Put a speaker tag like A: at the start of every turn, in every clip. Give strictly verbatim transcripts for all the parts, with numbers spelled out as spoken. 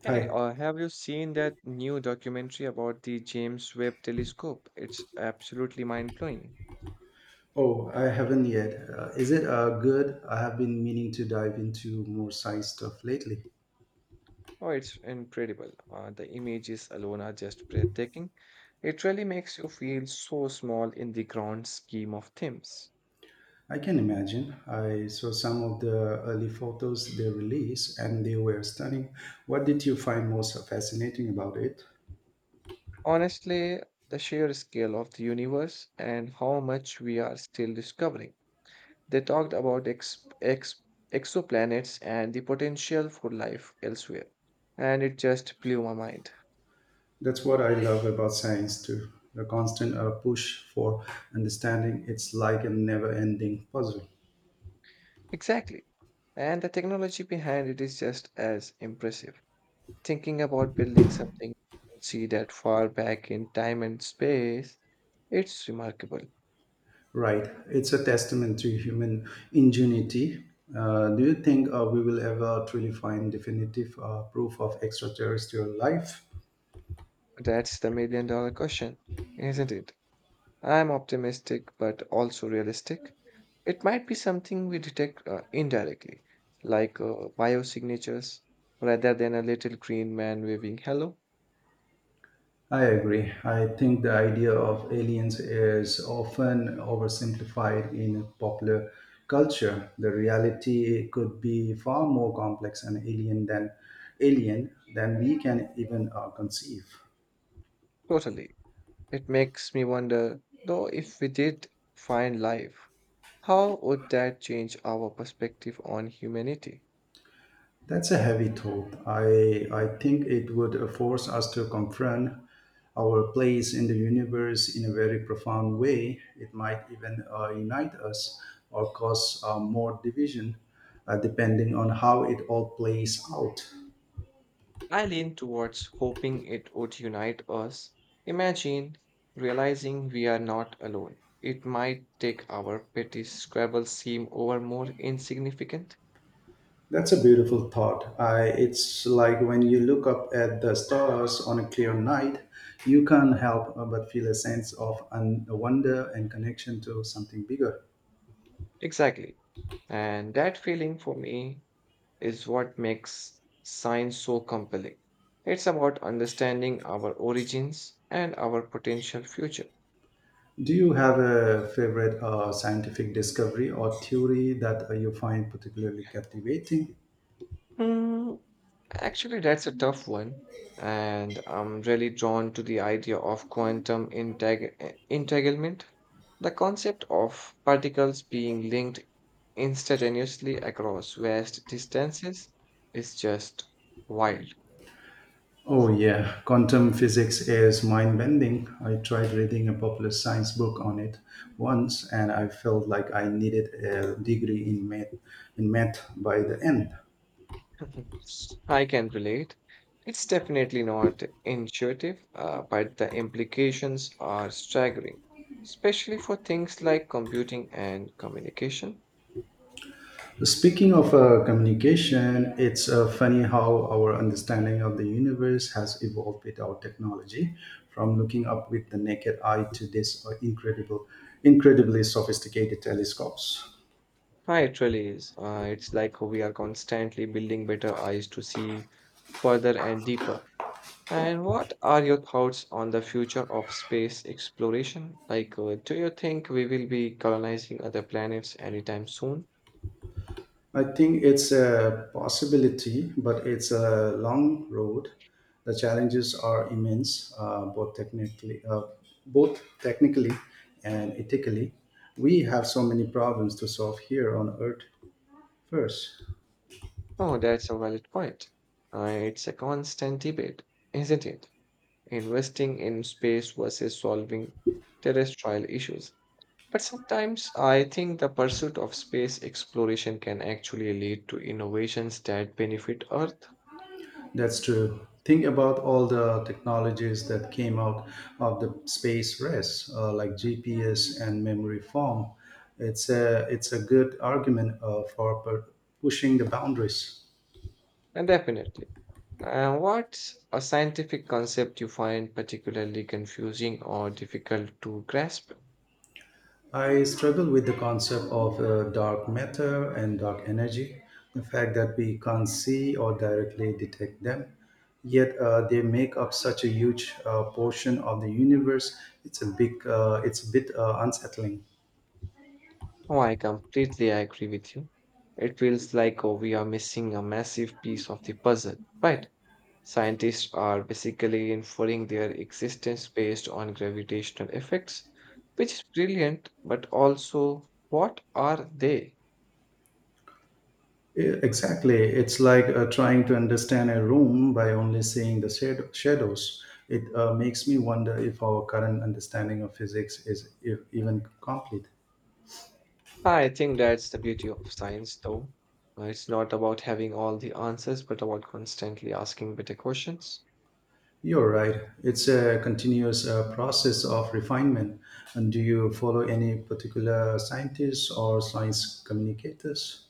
A: Hey,
B: Hi.
A: uh, have you seen that new documentary about the James Webb Telescope? It's absolutely mind-blowing.
B: Oh, I haven't yet. Uh, is it uh, good? I have been meaning to dive into more science stuff lately.
A: Oh, it's incredible. Uh, the images alone are just breathtaking. It really makes you feel so small in the grand scheme of things.
B: I can imagine. I saw some of the early photos they released and they were stunning. What did you find most fascinating about it?
A: Honestly, the sheer scale of the universe and how much we are still discovering. They talked about ex ex exoplanets and the potential for life elsewhere, and it just blew my mind.
B: That's what I love about science too. The constant uh, push for understanding. It's like a never ending puzzle.
A: Exactly. And the technology behind it is just as impressive. Thinking about building something you can see that far back in time and space, it's remarkable.
B: Right. It's a testament to human ingenuity. Uh, do you think uh, we will ever truly find definitive uh, proof of extraterrestrial life?
A: That's the million dollar question, isn't it? I'm optimistic, but also realistic. It might be something we detect uh, indirectly, like uh, biosignatures, rather than a little green man waving hello.
B: I agree. I think the idea of aliens is often oversimplified in popular culture. The reality could be far more complex and alien than alien than we can even uh, conceive.
A: Totally. It makes me wonder, though, if we did find life, how would that change our perspective on humanity?
B: That's a heavy thought. I, I think it would uh, force us to confront our place in the universe in a very profound way. It might even uh, unite us or cause uh, more division, uh, depending on how it all plays out.
A: I lean towards hoping it would unite us. Imagine realizing we are not alone. It might take our petty squabbles seem over more insignificant.
B: That's a beautiful thought. I, it's like when you look up at the stars on a clear night, you can't help uh, but feel a sense of un- wonder and connection to something bigger.
A: Exactly. And that feeling for me is what makes science so compelling. It's about understanding our origins and our potential future.
B: Do you have a favorite uh, scientific discovery or theory that uh, you find particularly captivating?
A: Hmm, actually, that's a tough one. And I'm really drawn to the idea of quantum integ- eh, entanglement. The concept of particles being linked instantaneously across vast distances is just wild.
B: Oh, yeah, quantum physics is mind bending. I tried reading a popular science book on it once and I felt like I needed a degree in math, in math by the end.
A: I can relate. It's definitely not intuitive, uh, but the implications are staggering, especially for things like computing and communication.
B: Speaking of uh, communication, it's uh, funny how our understanding of the universe has evolved without technology, from looking up with the naked eye to these uh, incredible, incredibly sophisticated telescopes.
A: Hi, it really is. Uh, it's like we are constantly building better eyes to see further and deeper. And what are your thoughts on the future of space exploration? Like, uh, do you think we will be colonizing other planets anytime soon?
B: I think it's a possibility, but it's a long road. The challenges are immense, uh, both technically, uh, both technically and ethically. We have so many problems to solve here on Earth first.
A: Oh, that's a valid point. Uh, it's a constant debate, isn't it? Investing in space versus solving terrestrial issues. But sometimes I think the pursuit of space exploration can actually lead to innovations that benefit Earth.
B: That's true. Think about all the technologies that came out of the space race, uh, like G P S and memory foam. It's a it's a good argument uh, for pu- pushing the boundaries.
A: And definitely. Uh, what's a scientific concept you find particularly confusing or difficult to grasp?
B: I struggle with the concept of uh, dark matter and dark energy, the fact that we can't see or directly detect them, yet uh, they make up such a huge uh, portion of the universe. It's a big, uh, it's a bit uh, unsettling.
A: Oh, I completely agree with you. It feels like oh, we are missing a massive piece of the puzzle, right? Scientists are basically inferring their existence based on gravitational effects, which is brilliant, but also, what are they?
B: E- Exactly. It's like uh, trying to understand a room by only seeing the shad- shadows. It uh, makes me wonder if our current understanding of physics is e- even complete.
A: I think that's the beauty of science, though. Uh, It's not about having all the answers, but about constantly asking better questions.
B: You're right. It's a continuous uh, process of refinement. And do you follow any particular scientists or science communicators?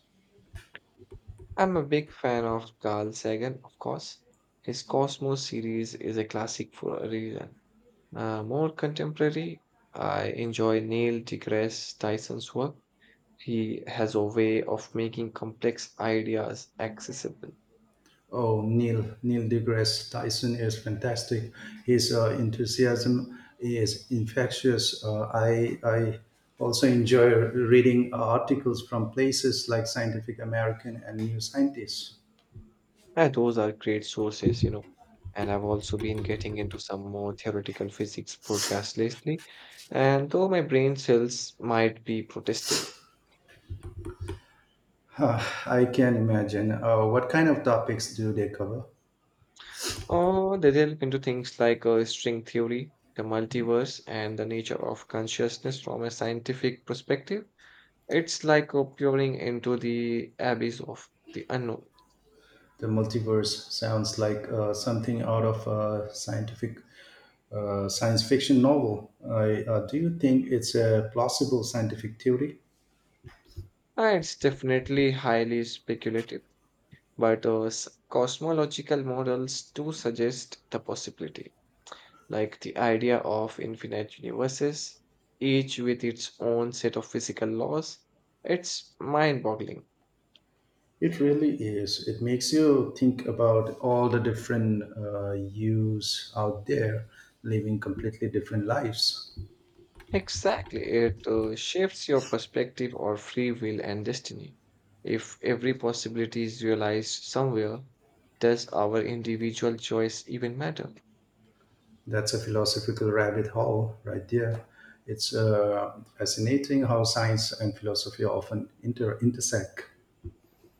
A: I'm a big fan of Carl Sagan, of course. His Cosmos series is a classic for a reason. Uh, more contemporary, I enjoy Neil deGrasse Tyson's work. He has a way of making complex ideas accessible.
B: Oh, Neil Neil deGrasse Tyson is fantastic. His uh, enthusiasm is infectious. Uh, I I also enjoy reading articles from places like Scientific American and New Scientist.
A: And those are great sources, you know. And I've also been getting into some more theoretical physics podcasts lately. And though my brain cells might be protesting,
B: Huh, I can imagine. Uh, what kind of topics do they cover?
A: or they delve into things like uh, string theory, the multiverse, and the nature of consciousness from a scientific perspective. It's like uh, peering into the abyss of the unknown.
B: The multiverse sounds like uh, something out of a scientific uh, science fiction novel. I, uh, do you think it's a plausible scientific theory?
A: Uh, it's definitely highly speculative, but uh, s- cosmological models do suggest the possibility, like the idea of infinite universes, each with its own set of physical laws. It's mind boggling.
B: It really is. It makes you think about all the different uh, yous out there living completely different lives.
A: Exactly, it uh, shifts your perspective or free will and destiny. If every possibility is realized somewhere, does our individual choice even matter?
B: That's a philosophical rabbit hole right there. It's uh, fascinating how science and philosophy often inter- intersect.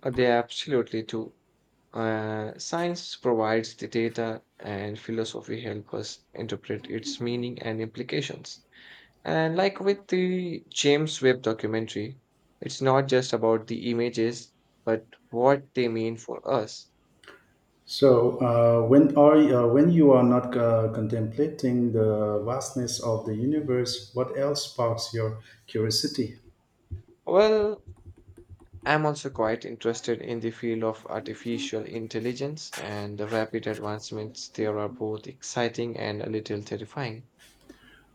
A: Uh, They absolutely do. Uh, science provides the data, and philosophy helps us interpret its meaning and implications. And like with the James Webb documentary, it's not just about the images, but what they mean for us.
B: So, uh, when are uh, when you are not uh, contemplating the vastness of the universe, what else sparks your curiosity?
A: Well, I'm also quite interested in the field of artificial intelligence, and the rapid advancements there are both exciting and a little terrifying.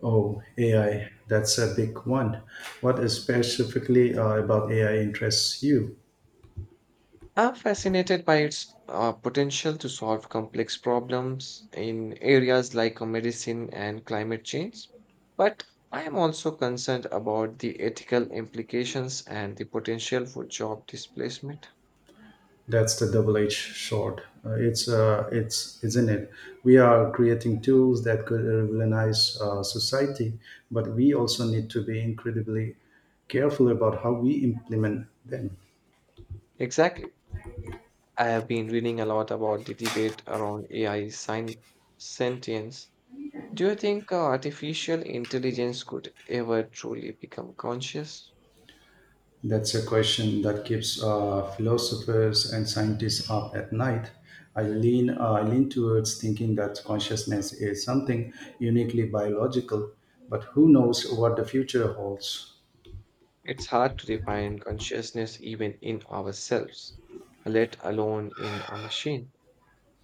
B: Oh, A I, that's a big one. What is specifically uh, about A I interests you?
A: I'm fascinated by its uh, potential to solve complex problems in areas like uh, medicine and climate change. But I am also concerned about the ethical implications and the potential for job displacement.
B: That's the double-edged sword. Uh, it's uh, it's isn't it? We are creating tools that could revolutionize uh, society, but we also need to be incredibly careful about how we implement them.
A: Exactly. I have been reading a lot about the debate around A I sci- sentience. Do you think uh, artificial intelligence could ever truly become conscious?
B: That's a question that keeps uh, philosophers and scientists up at night. I lean, uh, I lean towards thinking that consciousness is something uniquely biological, but who knows what the future holds?
A: It's hard to define consciousness even in ourselves, let alone in a machine.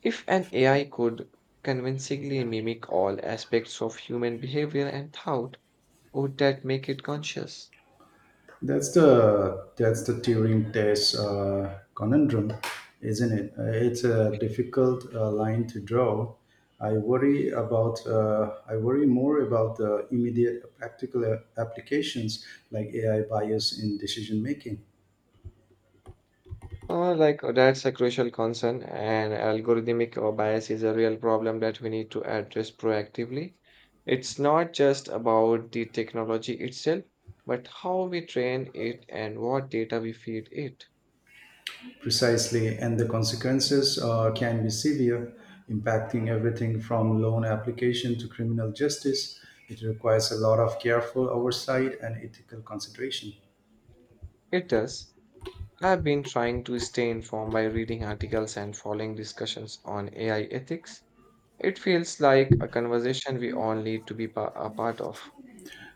A: If an A I could convincingly mimic all aspects of human behavior and thought, would that make it conscious?
B: That's the that's the Turing test uh, conundrum, isn't it? Uh, It's a difficult uh, line to draw. I worry about uh, I worry more about the immediate practical uh, applications like A I bias in decision making.
A: Uh, like uh, that's a crucial concern, and algorithmic uh, bias is a real problem that we need to address proactively. It's not just about the technology itself, but how we train it and what data we feed it.
B: Precisely, and the consequences uh, can be severe, impacting everything from loan application to criminal justice. It requires a lot of careful oversight and ethical consideration.
A: It does. I've been trying to stay informed by reading articles and following discussions on A I ethics. It feels like a conversation we all need to be pa- a part of.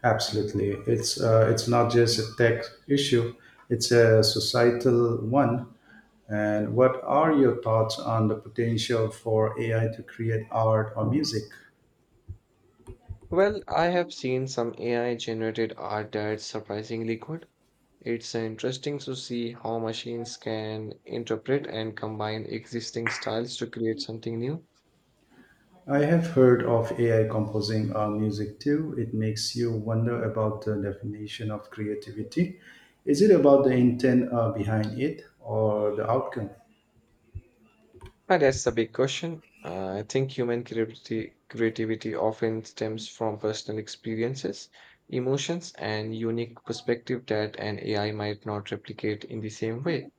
B: Absolutely, it's uh, it's not just a tech issue; it's a societal one. And what are your thoughts on the potential for A I to create art or music?
A: Well, I have seen some A I generated art that's surprisingly good. It's interesting to see how machines can interpret and combine existing styles to create something new.
B: I have heard of A I composing our music too. It makes you wonder about the definition of creativity. Is it about the intent uh, behind it or the outcome?
A: Ah, that's a big question. Uh, I think human creativity, creativity often stems from personal experiences, emotions, and unique perspective that an A I might not replicate in the same way.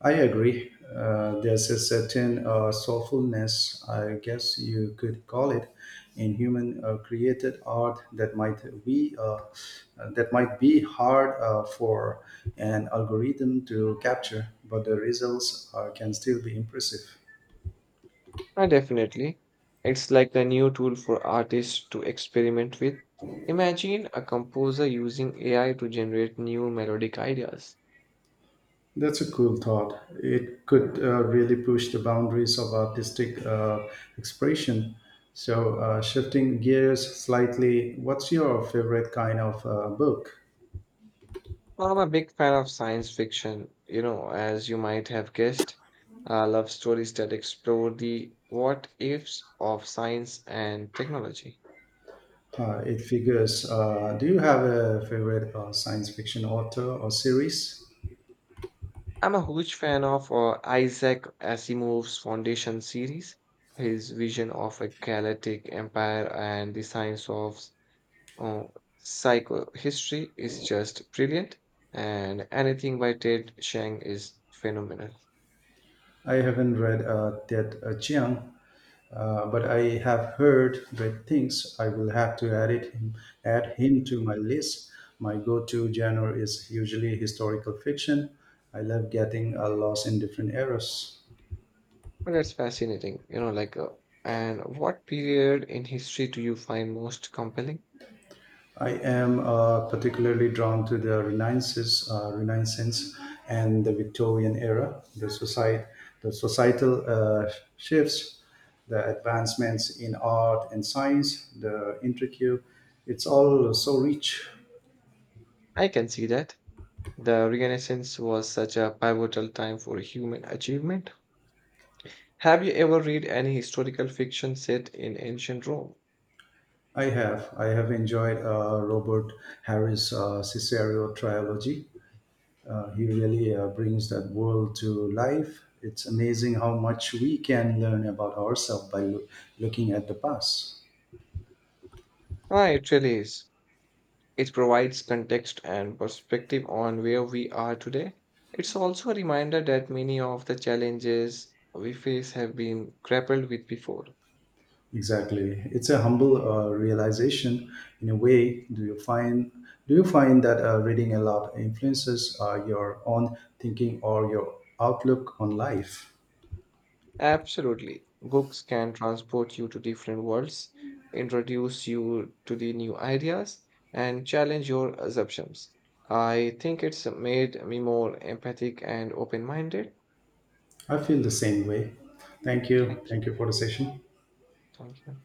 B: I agree. Uh, there's a certain uh, soulfulness, I guess you could call it, in human uh, created art that might be uh, that might be hard uh, for an algorithm to capture, but the results uh, can still be impressive.
A: Ah, definitely. It's like a new tool for artists to experiment with. Imagine a composer using A I to generate new melodic ideas.
B: That's a cool thought. It could uh, really push the boundaries of artistic uh, expression. So, uh, shifting gears slightly, what's your favorite kind of uh, book?
A: Well, I'm a big fan of science fiction. You know, as you might have guessed, uh, love stories that explore the what ifs of science and technology.
B: Uh, it figures. Uh, do you have a favorite uh, science fiction author or series?
A: I'm a huge fan of uh, Isaac Asimov's Foundation series. His vision of a galactic empire and the science of uh, psychohistory is just brilliant, and anything by Ted Chiang is phenomenal.
B: I haven't read uh, that uh, Chiang, uh, but I have heard great things. I will have to add it add him to my list. My go-to genre is usually historical fiction. I love getting uh, lost in different eras.
A: Well, that's fascinating. You know, like, uh, and what period in history do you find most compelling?
B: I am uh, particularly drawn to the Renaissance, uh, Renaissance, and the Victorian era. The society, the societal uh, shifts, the advancements in art and science, the intricate. It's all so rich.
A: I can see that. The Renaissance was such a pivotal time for human achievement. Have you ever read any historical fiction set in ancient Rome?
B: I have I have enjoyed uh, Robert Harris' uh, Cicero trilogy. Uh, he really uh, brings that world to life. It's amazing how much we can learn about ourselves by loo- looking at the past.
A: Ah, it really is. It provides context and perspective on where we are today. It's also a reminder that many of the challenges we face have been grappled with before.
B: Exactly. It's a humble uh, realization in a way. Do you find do you find that uh, reading a lot influences uh, your own thinking or your outlook on life?
A: Absolutely. Books can transport you to different worlds, introduce you to the new ideas, and challenge your assumptions. I think it's made me more empathic and open minded.
B: I feel the same way. Thank you.
A: Thank you.
B: Thank you for the session.
A: Thank you.